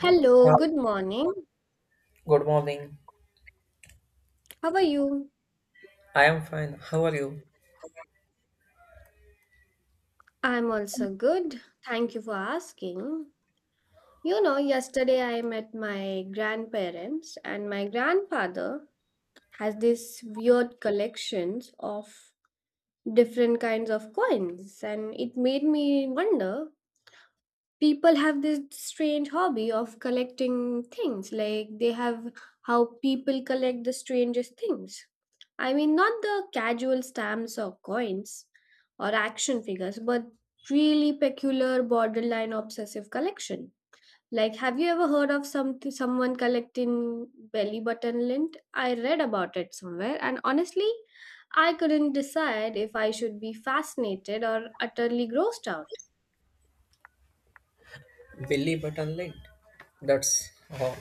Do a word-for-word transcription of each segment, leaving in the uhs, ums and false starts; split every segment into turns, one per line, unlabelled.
Yeah. Hi,
good morning.
good morning.
How are you?
I am fine. How are you?
I'm also good. Thank you for asking. You know, yesterday I met my grandparents, and my grandfather has this weird collections of different kinds of coins, and it made me wonder people have this strange hobby of collecting things like they have how people collect the strangest things. I mean, not the casual stamps or coins or action figures, but really peculiar, borderline obsessive collection. Like, have you ever heard of some someone collecting belly button lint? I read about it somewhere, and honestly, I couldn't decide if I should be fascinated or utterly grossed out.
Billy Button late. That's oh,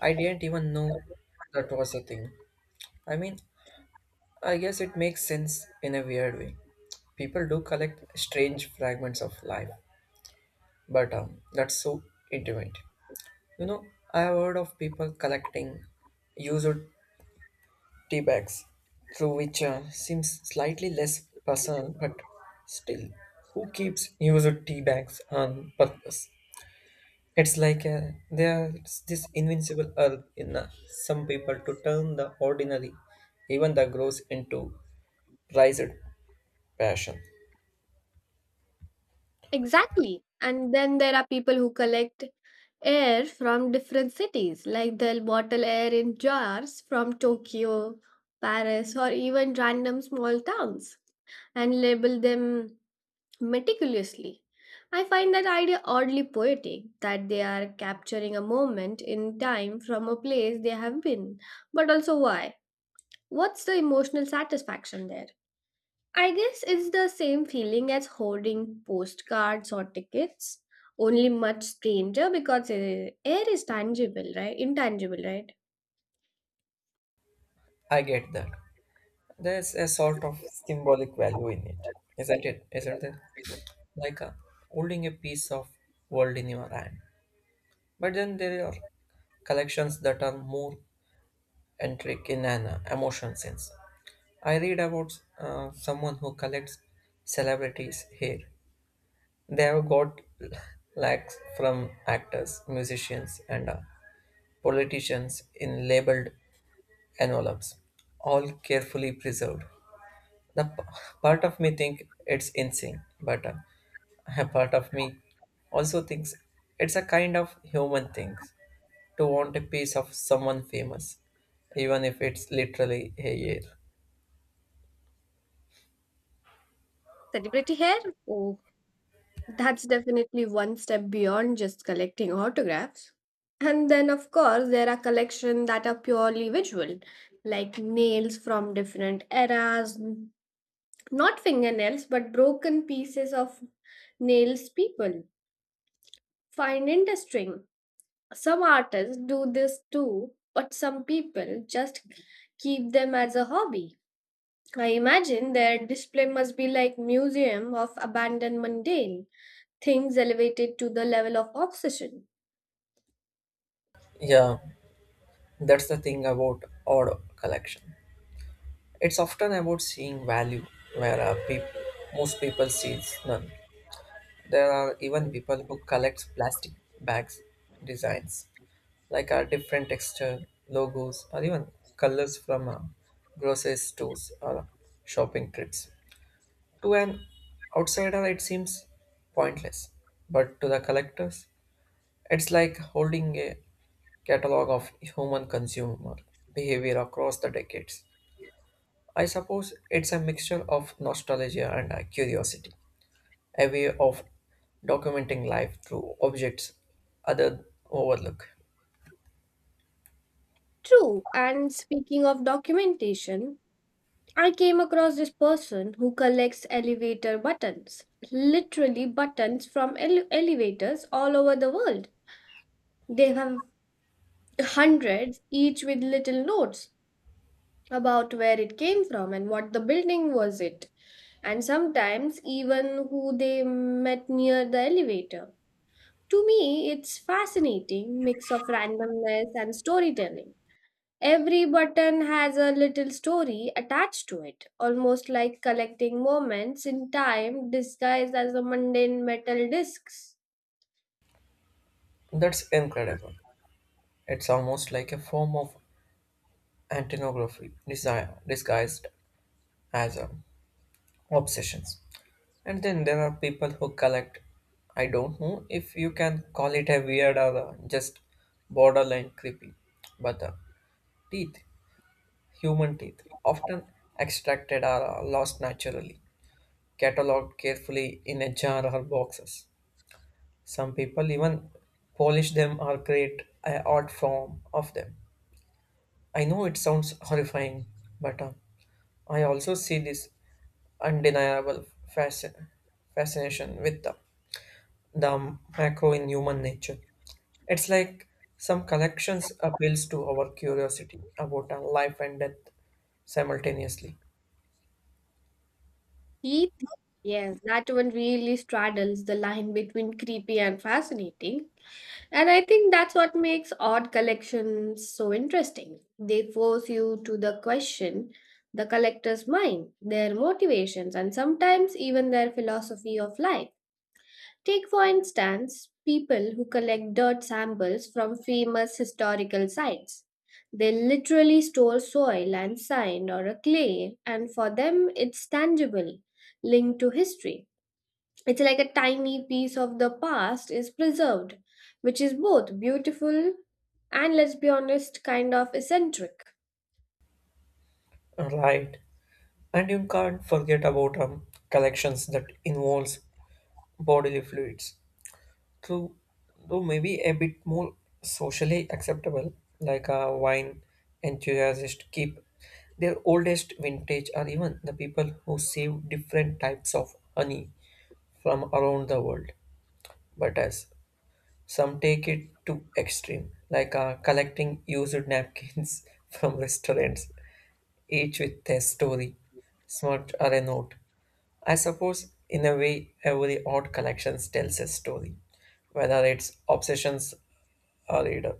I didn't even know that was a thing. I mean, I guess it makes sense in a weird way. People do collect strange fragments of life, but um, that's so intimate. You know, I have heard of people collecting used tea bags, through which uh, seems slightly less personal, but still, who keeps used tea bags on purpose? It's like uh, there's this invincible urge in uh, some people to turn the ordinary, even the gross, into prized passion.
Exactly. And then there are people who collect air from different cities, like they'll bottle air in jars from Tokyo, Paris, or even random small towns and label them meticulously. I find that idea oddly poetic, that they are capturing a moment in time from a place they have been. But also, why? What's the emotional satisfaction there? I guess it's the same feeling as hoarding postcards or tickets, only much stranger because uh, air is tangible, right? Intangible, right?
I get that. There's a sort of symbolic value in it, isn't it? Isn't there? Like uh, holding a piece of world in your hand. But then there are collections that are more intricate in an uh, emotional sense. I read about uh, someone who collects celebrities' hair. They have got lacks from actors, musicians, and uh, politicians in labeled envelopes, all carefully preserved. The p- Part of me think it's insane, but uh, a part of me also thinks it's a kind of human thing to want a piece of someone famous, even if it's literally a year.
Celebrity hair? Oh, that's definitely one step beyond just collecting autographs. And then, of course, there are collections that are purely visual, like nails from different eras, not fingernails, but broken pieces of nails people find interesting. Some artists do this too, but some people just keep them as a hobby. I imagine their display must be like museum of abandoned mundane things elevated to the level of obsession.
Yeah, that's the thing about odd collection. It's often about seeing value where uh, peop- most people see none. There are even people who collect plastic bags designs like our different texture logos or even colors from uh, grocery stores or shopping trips. To an outsider, it seems pointless, but to the collectors, it's like holding a catalog of human consumer behavior across the decades. I suppose it's a mixture of nostalgia and uh, curiosity, a way of documenting life through objects other overlook.
True, and speaking of documentation, I came across this person who collects elevator buttons, literally buttons from ele- elevators all over the world. They have hundreds, each with little notes about where it came from and what the building was it, and sometimes even who they met near the elevator. To me, it's fascinating mix of randomness and storytelling. Every button has a little story attached to it, almost like collecting moments in time disguised as a mundane metal discs.
That's incredible. It's almost like a form of antinography desi- disguised as um, obsessions. And then there are people who collect, I don't know if you can call it a weird or uh, just borderline creepy, but uh, teeth, human teeth, often extracted or uh, lost naturally cataloged carefully in a jar or boxes. Some people even polish them or create an art form of them. I know it sounds horrifying, but uh, I also see this undeniable fascin- fascination with the, the macro in human nature. It's like some collections appeals to our curiosity about our life and death simultaneously.
Teeth, yes, that one really straddles the line between creepy and fascinating. And I think that's what makes odd collections so interesting. They force you to the question the collector's mind, their motivations, and sometimes even their philosophy of life. Take, for instance, people who collect dirt samples from famous historical sites. They literally store soil and sand or a clay, and for them it's tangible, linked to history. It's like a tiny piece of the past is preserved, which is both beautiful and, let's be honest, kind of eccentric.
Right. And you can't forget about um, collections that involves bodily fluids. Through, though maybe a bit more socially acceptable, like a wine enthusiast keep their oldest vintage, or even the people who save different types of honey from around the world. But as some take it to extreme, like uh, collecting used napkins from restaurants, each with their story, smut or a note. I suppose, in a way, every odd collection tells a story, whether it's obsessions or reader.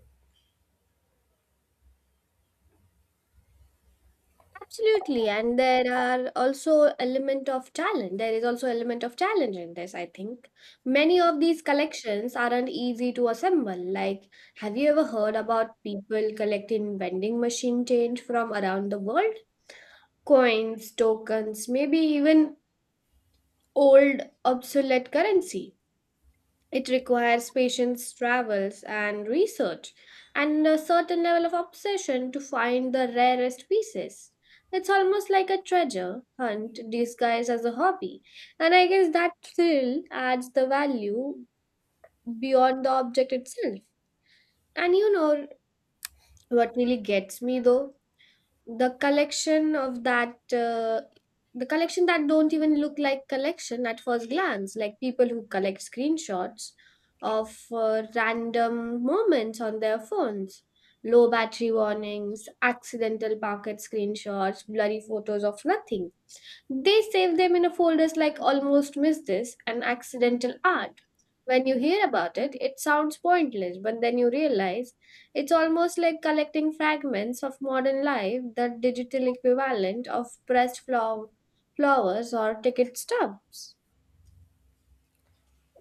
Absolutely, and there are also element of talent. There is also element of challenge in this, I think. Many of these collections aren't easy to assemble. Like, have you ever heard about people collecting vending machine change from around the world? Coins, tokens, maybe even old obsolete currency. It requires patience, travels, and research, and a certain level of obsession to find the rarest pieces. It's almost like a treasure hunt disguised as a hobby, and I guess that thrill adds the value beyond the object itself. And you know what really gets me, though? the collection of that uh, the collection that don't even look like collection at first glance, like people who collect screenshots of uh, random moments on their phones, low battery warnings, accidental pocket screenshots, blurry photos of nothing. They save them in a folders like almost miss this, an accidental art. When you hear about it, it sounds pointless, but then you realize it's almost like collecting fragments of modern life, the digital equivalent of pressed flow- flowers or ticket stubs.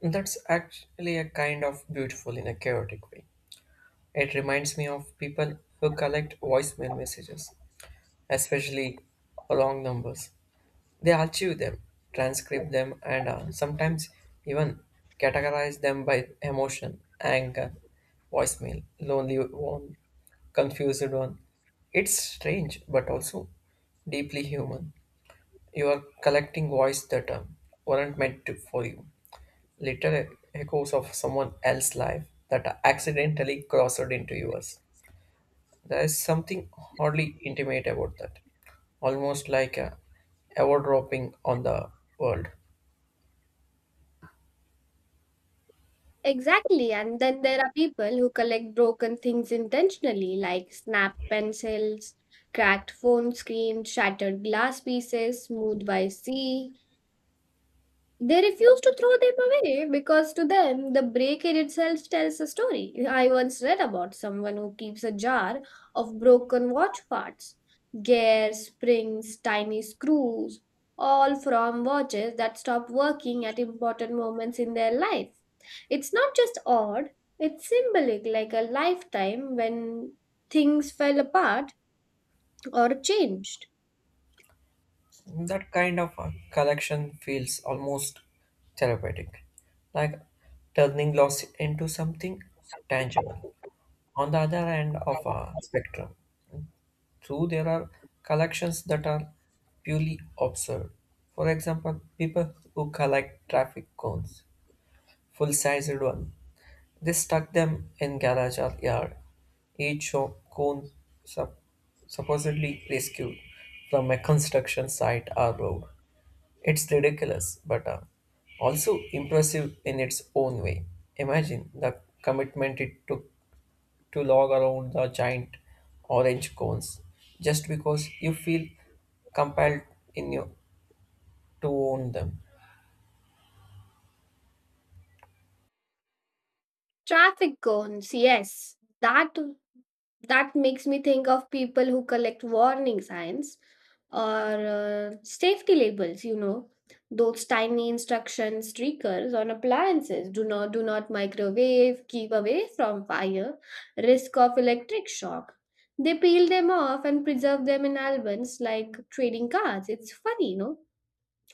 That's actually a kind of beautiful in a chaotic way. It reminds me of people who collect voicemail messages, especially long numbers. They archive them, transcribe them, and uh, sometimes even categorize them by emotion, anger, voicemail, lonely one, confused one. It's strange, but also deeply human. You are collecting voice that uh, weren't meant to, for you, little echoes of someone else's life that accidentally crossed into yours. There is something hardly intimate about that, almost like a eavesdropping on the world.
Exactly, and then there are people who collect broken things intentionally, like snapped pencils, cracked phone screens, shattered glass pieces, smoothed by sea. They refuse to throw them away because to them, the break in itself tells a story. I once read about someone who keeps a jar of broken watch parts, gears, springs, tiny screws, all from watches that stop working at important moments in their life. It's not just odd, it's symbolic, like a lifetime when things fell apart or changed.
That kind of a collection feels almost therapeutic, like turning loss into something tangible. On the other end of a spectrum, too, there are collections that are purely absurd. For example, people who collect traffic cones, full-sized one, they stuck them in garage or yard. Each show- cone sup- supposedly rescued from a construction site or road. It's ridiculous, but uh, also impressive in its own way. Imagine the commitment it took to log around the giant orange cones just because you feel compelled in your, to own them.
Traffic cones, yes, that that makes me think of people who collect warning signs or uh, safety labels, you know, those tiny instruction streakers on appliances. Do not do not microwave, keep away from fire, risk of electric shock. They peel them off and preserve them in albums like trading cards. It's funny, you know.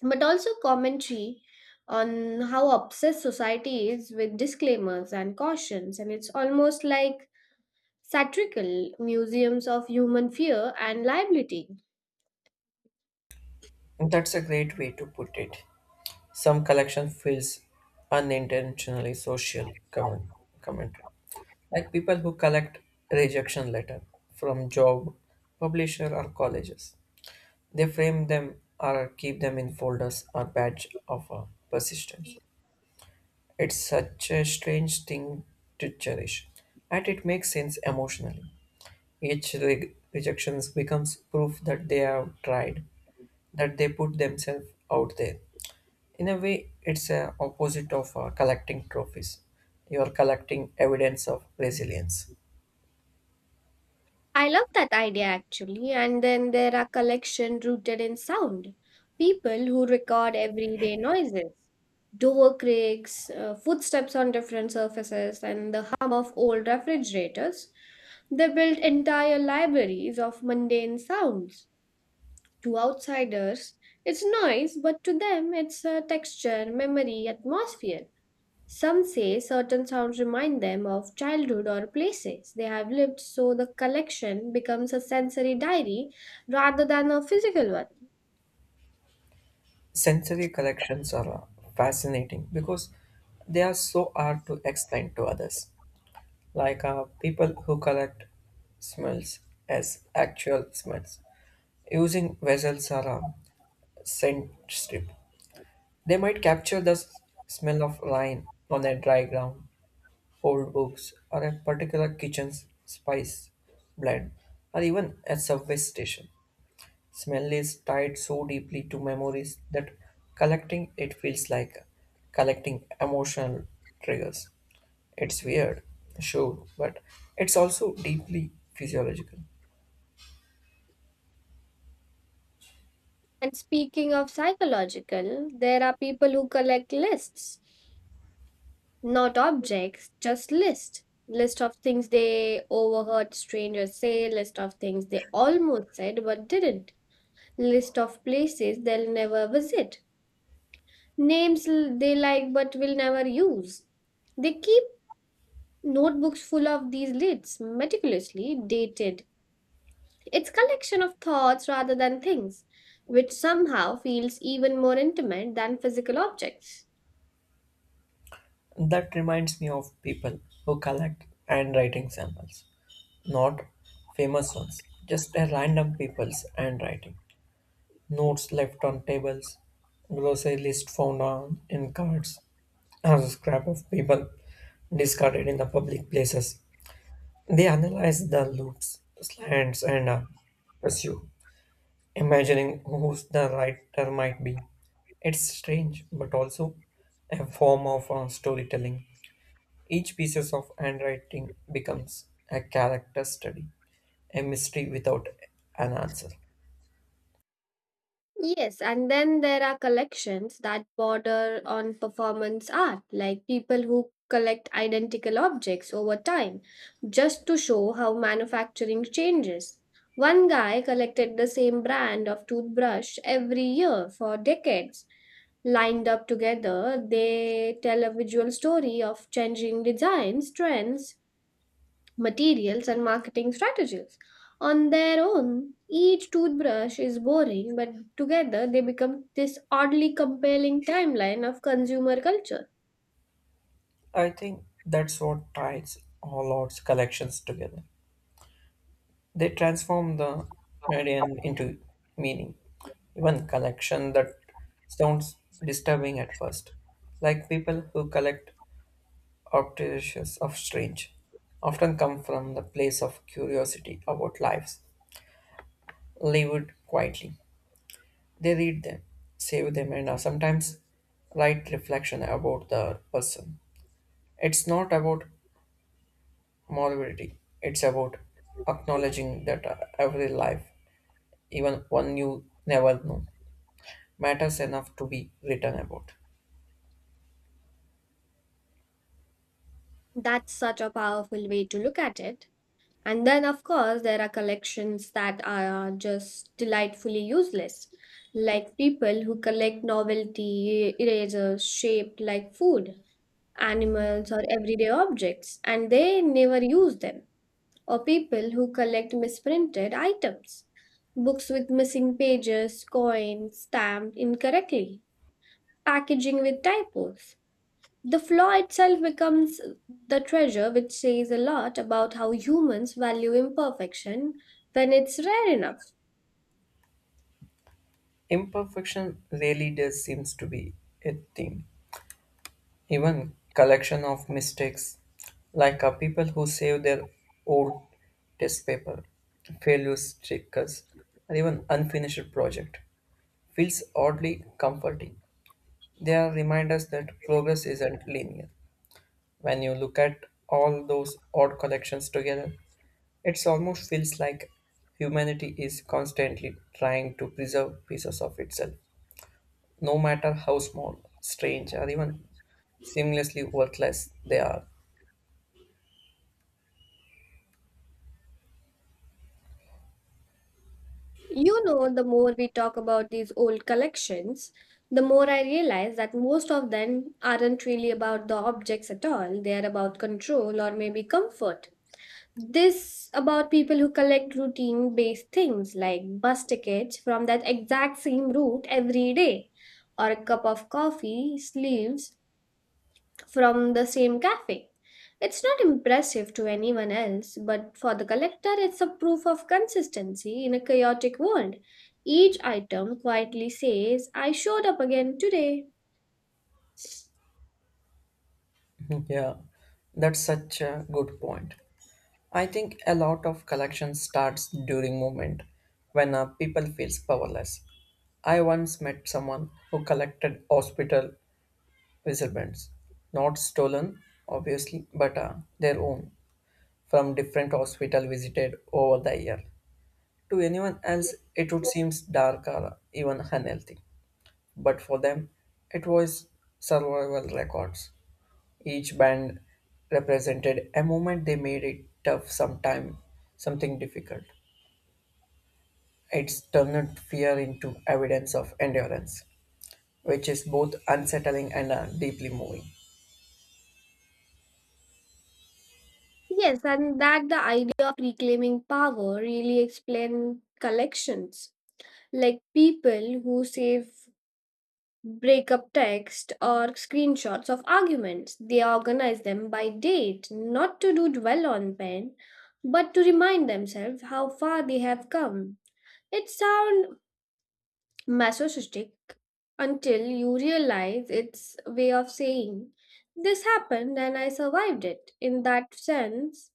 But also commentary on how obsessed society is with disclaimers and cautions. And it's almost like satirical museums of human fear and liability.
That's a great way to put it. Some collection feels unintentionally social comment, commentary, like people who collect rejection letter from job, publisher, or colleges. They frame them or keep them in folders or badge of uh, persistence. It's such a strange thing to cherish, and it makes sense emotionally. Each re- rejection becomes proof that they have tried, that they put themselves out there. In a way, it's a opposite of uh, collecting trophies. You are collecting evidence of resilience.
I love that idea actually. And then there are collection rooted in sound. People who record everyday noises, door creaks, uh, footsteps on different surfaces, and the hum of old refrigerators. They built entire libraries of mundane sounds. To outsiders, it's noise, but to them, it's a texture, memory, atmosphere. Some say certain sounds remind them of childhood or places they have lived, so the collection becomes a sensory diary rather than a physical one.
Sensory collections are uh, fascinating because they are so hard to explain to others, like uh, people who collect smells as actual smells. Using vessels or a scent strip, they might capture the s- smell of lime on a dry ground, old books, or a particular kitchen's spice blend, or even a subway station. Smell is tied so deeply to memories that collecting it feels like collecting emotional triggers. It's weird, sure, but it's also deeply physiological.
And speaking of psychological, there are people who collect lists, not objects, just lists. List of things they overheard strangers say, list of things they almost said but didn't, list of places they'll never visit, names l- they like but will never use. They keep notebooks full of these lids, meticulously dated. It's collection of thoughts rather than things, which somehow feels even more intimate than physical objects.
That reminds me of people who collect handwriting samples, not famous ones, just a random people's handwriting. Notes left on tables, grocery list found on in cards, or a scrap of paper discarded in the public places. They analyze the loops, slants, and uh, pursue, imagining who's the writer might be. It's strange, but also a form of uh, storytelling. Each piece of handwriting becomes a character study, a mystery without an answer.
Yes, and then there are collections that border on performance art, like people who collect identical objects over time, just to show how manufacturing changes. One guy collected the same brand of toothbrush every year for decades. Lined up together, they tell a visual story of changing designs, trends, materials, and marketing strategies. On their own, each toothbrush is boring, but together they become this oddly compelling timeline of consumer culture.
I think that's what ties all arts collections together. They transform the meridian into meaning, even collection that sounds disturbing at first. Like people who collect objects of strange, often come from the place of curiosity about lives, lived quietly. They read them, save them, and uh, sometimes write reflection about the person. It's not about morality, it's about acknowledging that uh, every life, even one you never know, matters enough to be written about.
That's such a powerful way to look at it. And then, of course, there are collections that are just delightfully useless, like people who collect novelty erasers shaped like food, animals, or everyday objects, and they never use them, or people who collect misprinted items, books with missing pages, coins stamped incorrectly, packaging with typos. The flaw itself becomes the treasure, which says a lot about how humans value imperfection when it's rare enough.
Imperfection really does seems to be a theme. Even collection of mistakes, like uh, people who save their old test paper, failure stickers, or even unfinished project, feels oddly comforting. They are reminders that progress isn't linear. When you look at all those odd collections together, it almost feels like humanity is constantly trying to preserve pieces of itself, no matter how small, strange, or even seamlessly worthless they are.
You know, the more we talk about these old collections, the more I realize that most of them aren't really about the objects at all. They are about control or maybe comfort. This about people who collect routine based things, like bus tickets from that exact same route every day, or a cup of coffee, sleeves from the same cafe. It's not impressive to anyone else, but for the collector, it's a proof of consistency in a chaotic world. Each item quietly says, I showed up again today.
Mhm. Yeah, that's such a good point. I think a lot of collection starts during movement when uh, people feels powerless. I once met someone who collected hospital whistle bands, not stolen, obviously, but uh, their own, from different hospital visited over the year. To anyone else, it would seem dark or even unhealthy, but for them, it was survival records. Each band represented a moment they made it tough, sometime something difficult. It's turned fear into evidence of endurance, which is both unsettling and uh, deeply moving.
Yes, and that the idea of reclaiming power really explains collections. Like people who save breakup text or screenshots of arguments. They organize them by date, not to do dwell on pen, but to remind themselves how far they have come. It sounds masochistic until you realize it's a way of saying, this happened and I survived it. In that sense,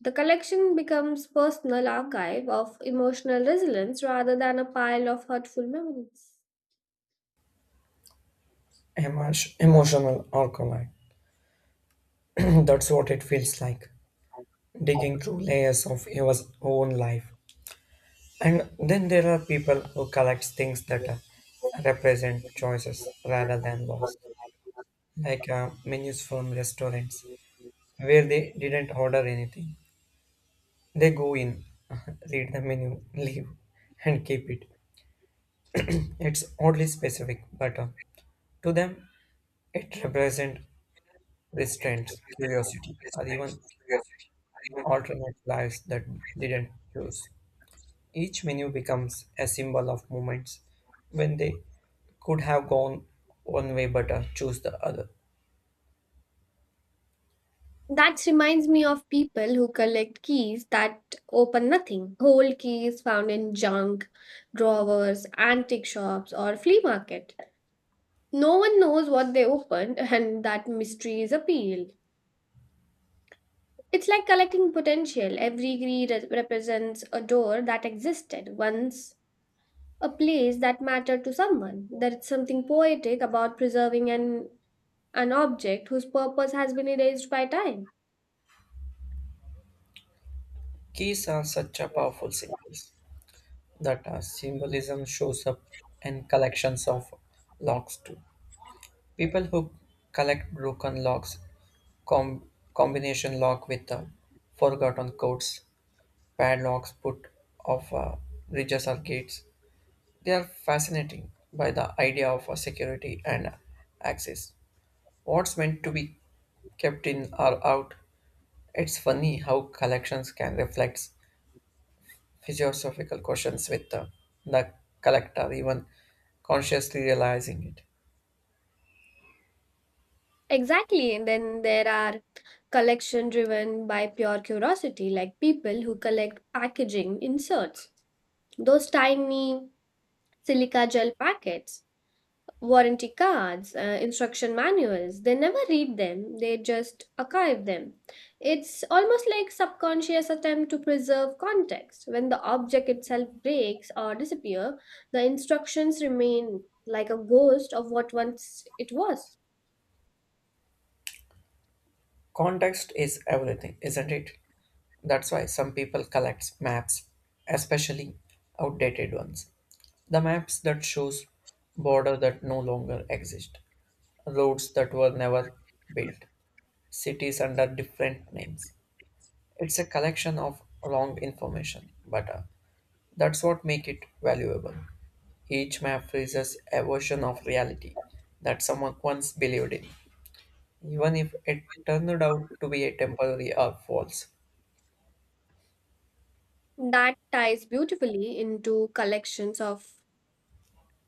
the collection becomes personal archive of emotional resilience rather than a pile of hurtful memories.
Emo- Emotional alcohol. That's what it feels like. Digging through layers of your own life. And then there are people who collect things that uh, represent choices rather than laws, like uh, menus from restaurants where they didn't order anything. They go in, read the menu, leave, and keep it. It's oddly specific, but uh, to them, it represents restraint, curiosity, or even alternate lives that didn't choose. Each menu becomes a symbol of moments when they could have gone one way but uh, choose the other.
That reminds me of people who collect keys that open nothing. Whole keys found in junk, drawers, antique shops, or flea market. No one knows what they opened, and that mystery is appealed. It's like collecting potential. Every key re- represents a door that existed once, a place that mattered to someone. There's something poetic about preserving an, an object whose purpose has been erased by time.
Keys are such a powerful symbols. That uh, symbolism shows up in collections of locks too. People who collect broken locks, com- combination lock with uh, forgotten codes, padlocks put off uh, bridges or gates, they are fascinating by the idea of uh, security and uh, access. What's meant to be kept in or out? It's funny how collections can reflect philosophical questions with the, the collector, even consciously realizing it.
Exactly. And then there are collection driven by pure curiosity, like people who collect packaging inserts, those tiny silica gel packets, warranty cards, uh, instruction manuals. They never read them, they just archive them. It's almost like subconscious attempt to preserve context. When the object itself breaks or disappear, the instructions remain like a ghost of what once it was.
Context is everything, isn't it? That's why some people collect maps, especially outdated ones. The maps that shows border that no longer exist, roads that were never built, cities under different names. It's a collection of wrong information, but uh, that's what make it valuable. Each map raises a version of reality that someone once believed in, even if it turned out to be a temporary or false.
That ties beautifully into collections of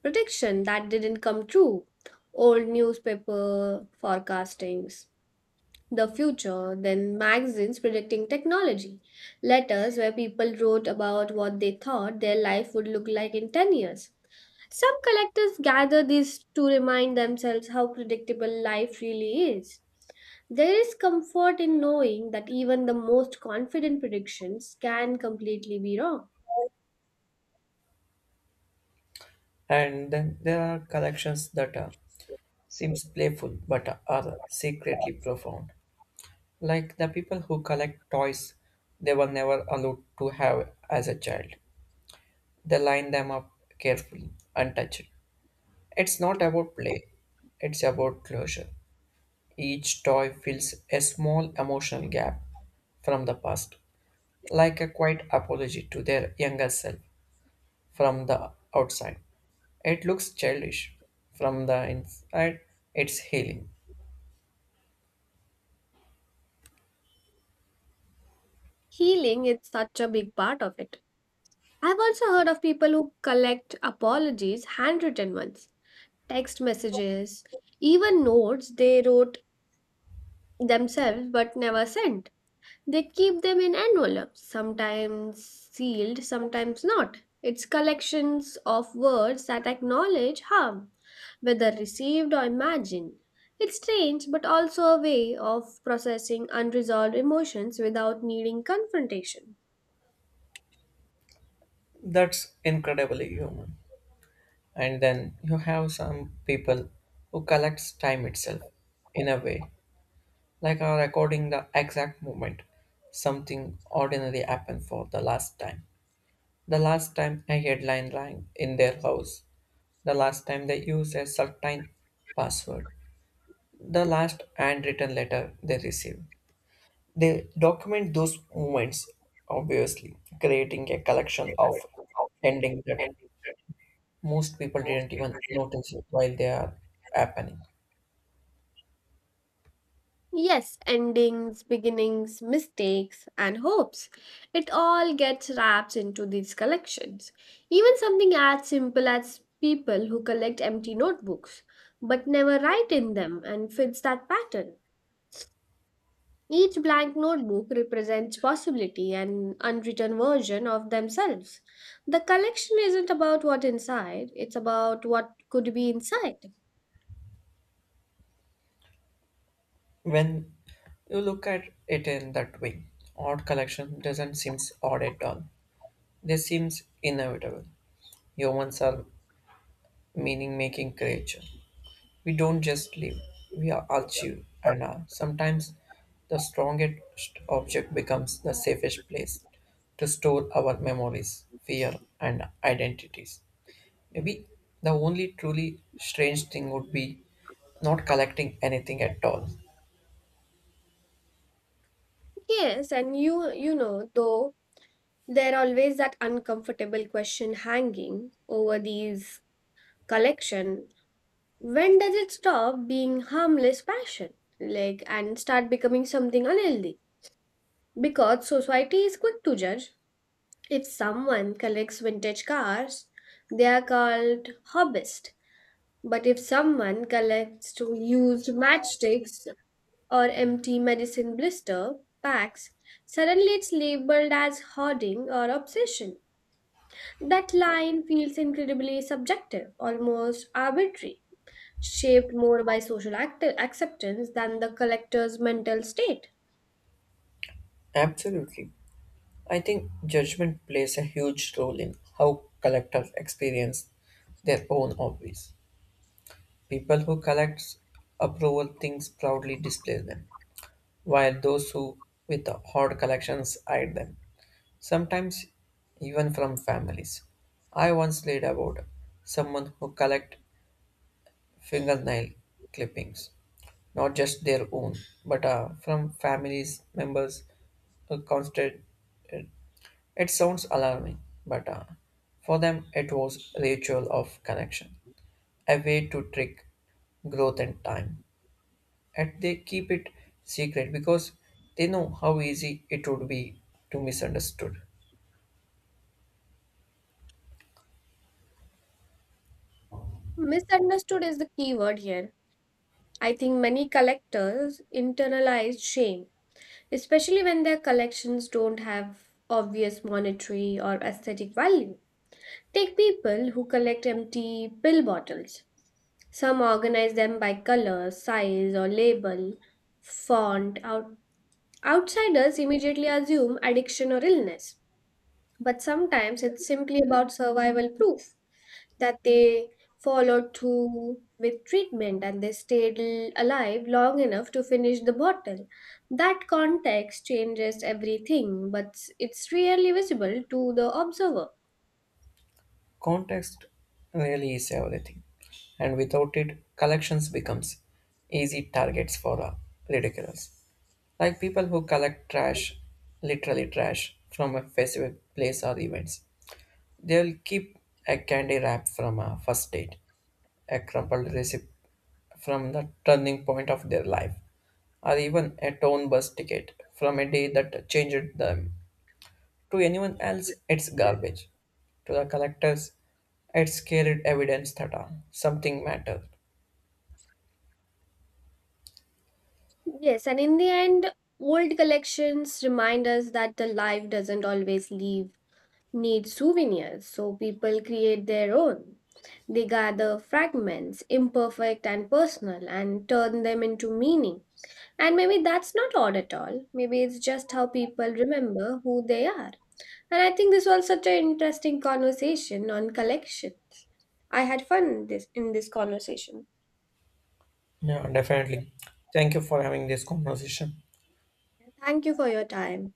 prediction that didn't come true. Old newspaper forecastings, the future, then magazines predicting technology, letters where people wrote about what they thought their life would look like in ten years. Some collectors gather these to remind themselves how predictable life really is. There is comfort in knowing that even the most confident predictions can completely be wrong.
And then there are collections that uh, seems playful but are secretly profound, like the people who collect toys they were never allowed to have as a child. They line them up carefully, untouched. It's not about play, it's about closure. Each toy fills a small emotional gap from the past, like a quiet apology to their younger self. From the outside, it looks childish. From the inside, it's healing.
Healing is such a big part of it. I've also heard of people who collect apologies, handwritten ones, text messages, even notes they wrote themselves but never sent. They keep them in envelopes, sometimes sealed, sometimes not. It's collections of words that acknowledge harm, whether received or imagined. It's strange, but also a way of processing unresolved emotions without needing confrontation.
That's incredibly human. And then you have some people who collects time itself in a way, like are recording the exact moment something ordinary happened for the last time. The last time a headline rang in their house. The last time they used a certain password. The last handwritten letter they received. They document those moments, obviously, creating a collection of ending that most people didn't even notice while they are happening.
Yes, endings, beginnings, mistakes, and hopes. It all gets wrapped into these collections. Even something as simple as people who collect empty notebooks but never write in them and fits that pattern. Each blank notebook represents possibility and unwritten version of themselves. The collection isn't about what inside, it's about what could be inside.
When you look at it in that way, odd collection doesn't seem odd at all. They seems inevitable. Humans are meaning making creature. We don't just live, we are achieve, and uh, sometimes the strongest object becomes the safest place to store our memories, fear, and identities. Maybe the only truly strange thing would be not collecting anything at all.
Yes, and you you know, though, there always that uncomfortable question hanging over these collection. When does it stop being harmless passion? Like, and start becoming something unhealthy? Because society is quick to judge. If someone collects vintage cars, they are called hobbyist. But if someone collects to used matchsticks or empty medicine blister packs, suddenly it's labeled as hoarding or obsession. That line feels incredibly subjective, almost arbitrary, shaped more by social act- acceptance than the collector's mental state.
Absolutely. I think judgment plays a huge role in how collectors experience their own hobbies. People who collect approval things proudly display them, while those who with odd collections hide them, sometimes even from families. I once read about someone who collect fingernail clippings, not just their own, but uh, from families members who constant. uh, It sounds alarming, but uh, for them it was a ritual of connection, a way to trick growth and time, and they keep it secret because they know how easy it would be to misunderstood.
Misunderstood is the key word here. I think many collectors internalize shame, especially when their collections don't have obvious monetary or aesthetic value. Take people who collect empty pill bottles. Some organize them by color, size, or label, font, or outsiders immediately assume addiction or illness, but sometimes it's simply about survival proof that they followed through with treatment and they stayed l- alive long enough to finish the bottle. That context changes everything, but it's rarely visible to the observer.
Context really is everything, and without it, collections becomes easy targets for uh, ridiculous. Like people who collect trash, literally trash, from a specific place or events. They'll keep a candy wrap from a first date, a crumpled receipt from the turning point of their life, or even a town bus ticket from a day that changed them. To anyone else, it's garbage. To the collectors, it's carried evidence that uh, something mattered.
Yes, and in the end, old collections remind us that the life doesn't always leave need souvenirs, so people create their own. They gather fragments, imperfect and personal, and turn them into meaning. And maybe that's not odd at all. Maybe it's just how people remember who they are. And I think this was such an interesting conversation on collections. I had fun this in this conversation.
Yeah, definitely. Thank you for having this conversation.
Thank you for your time.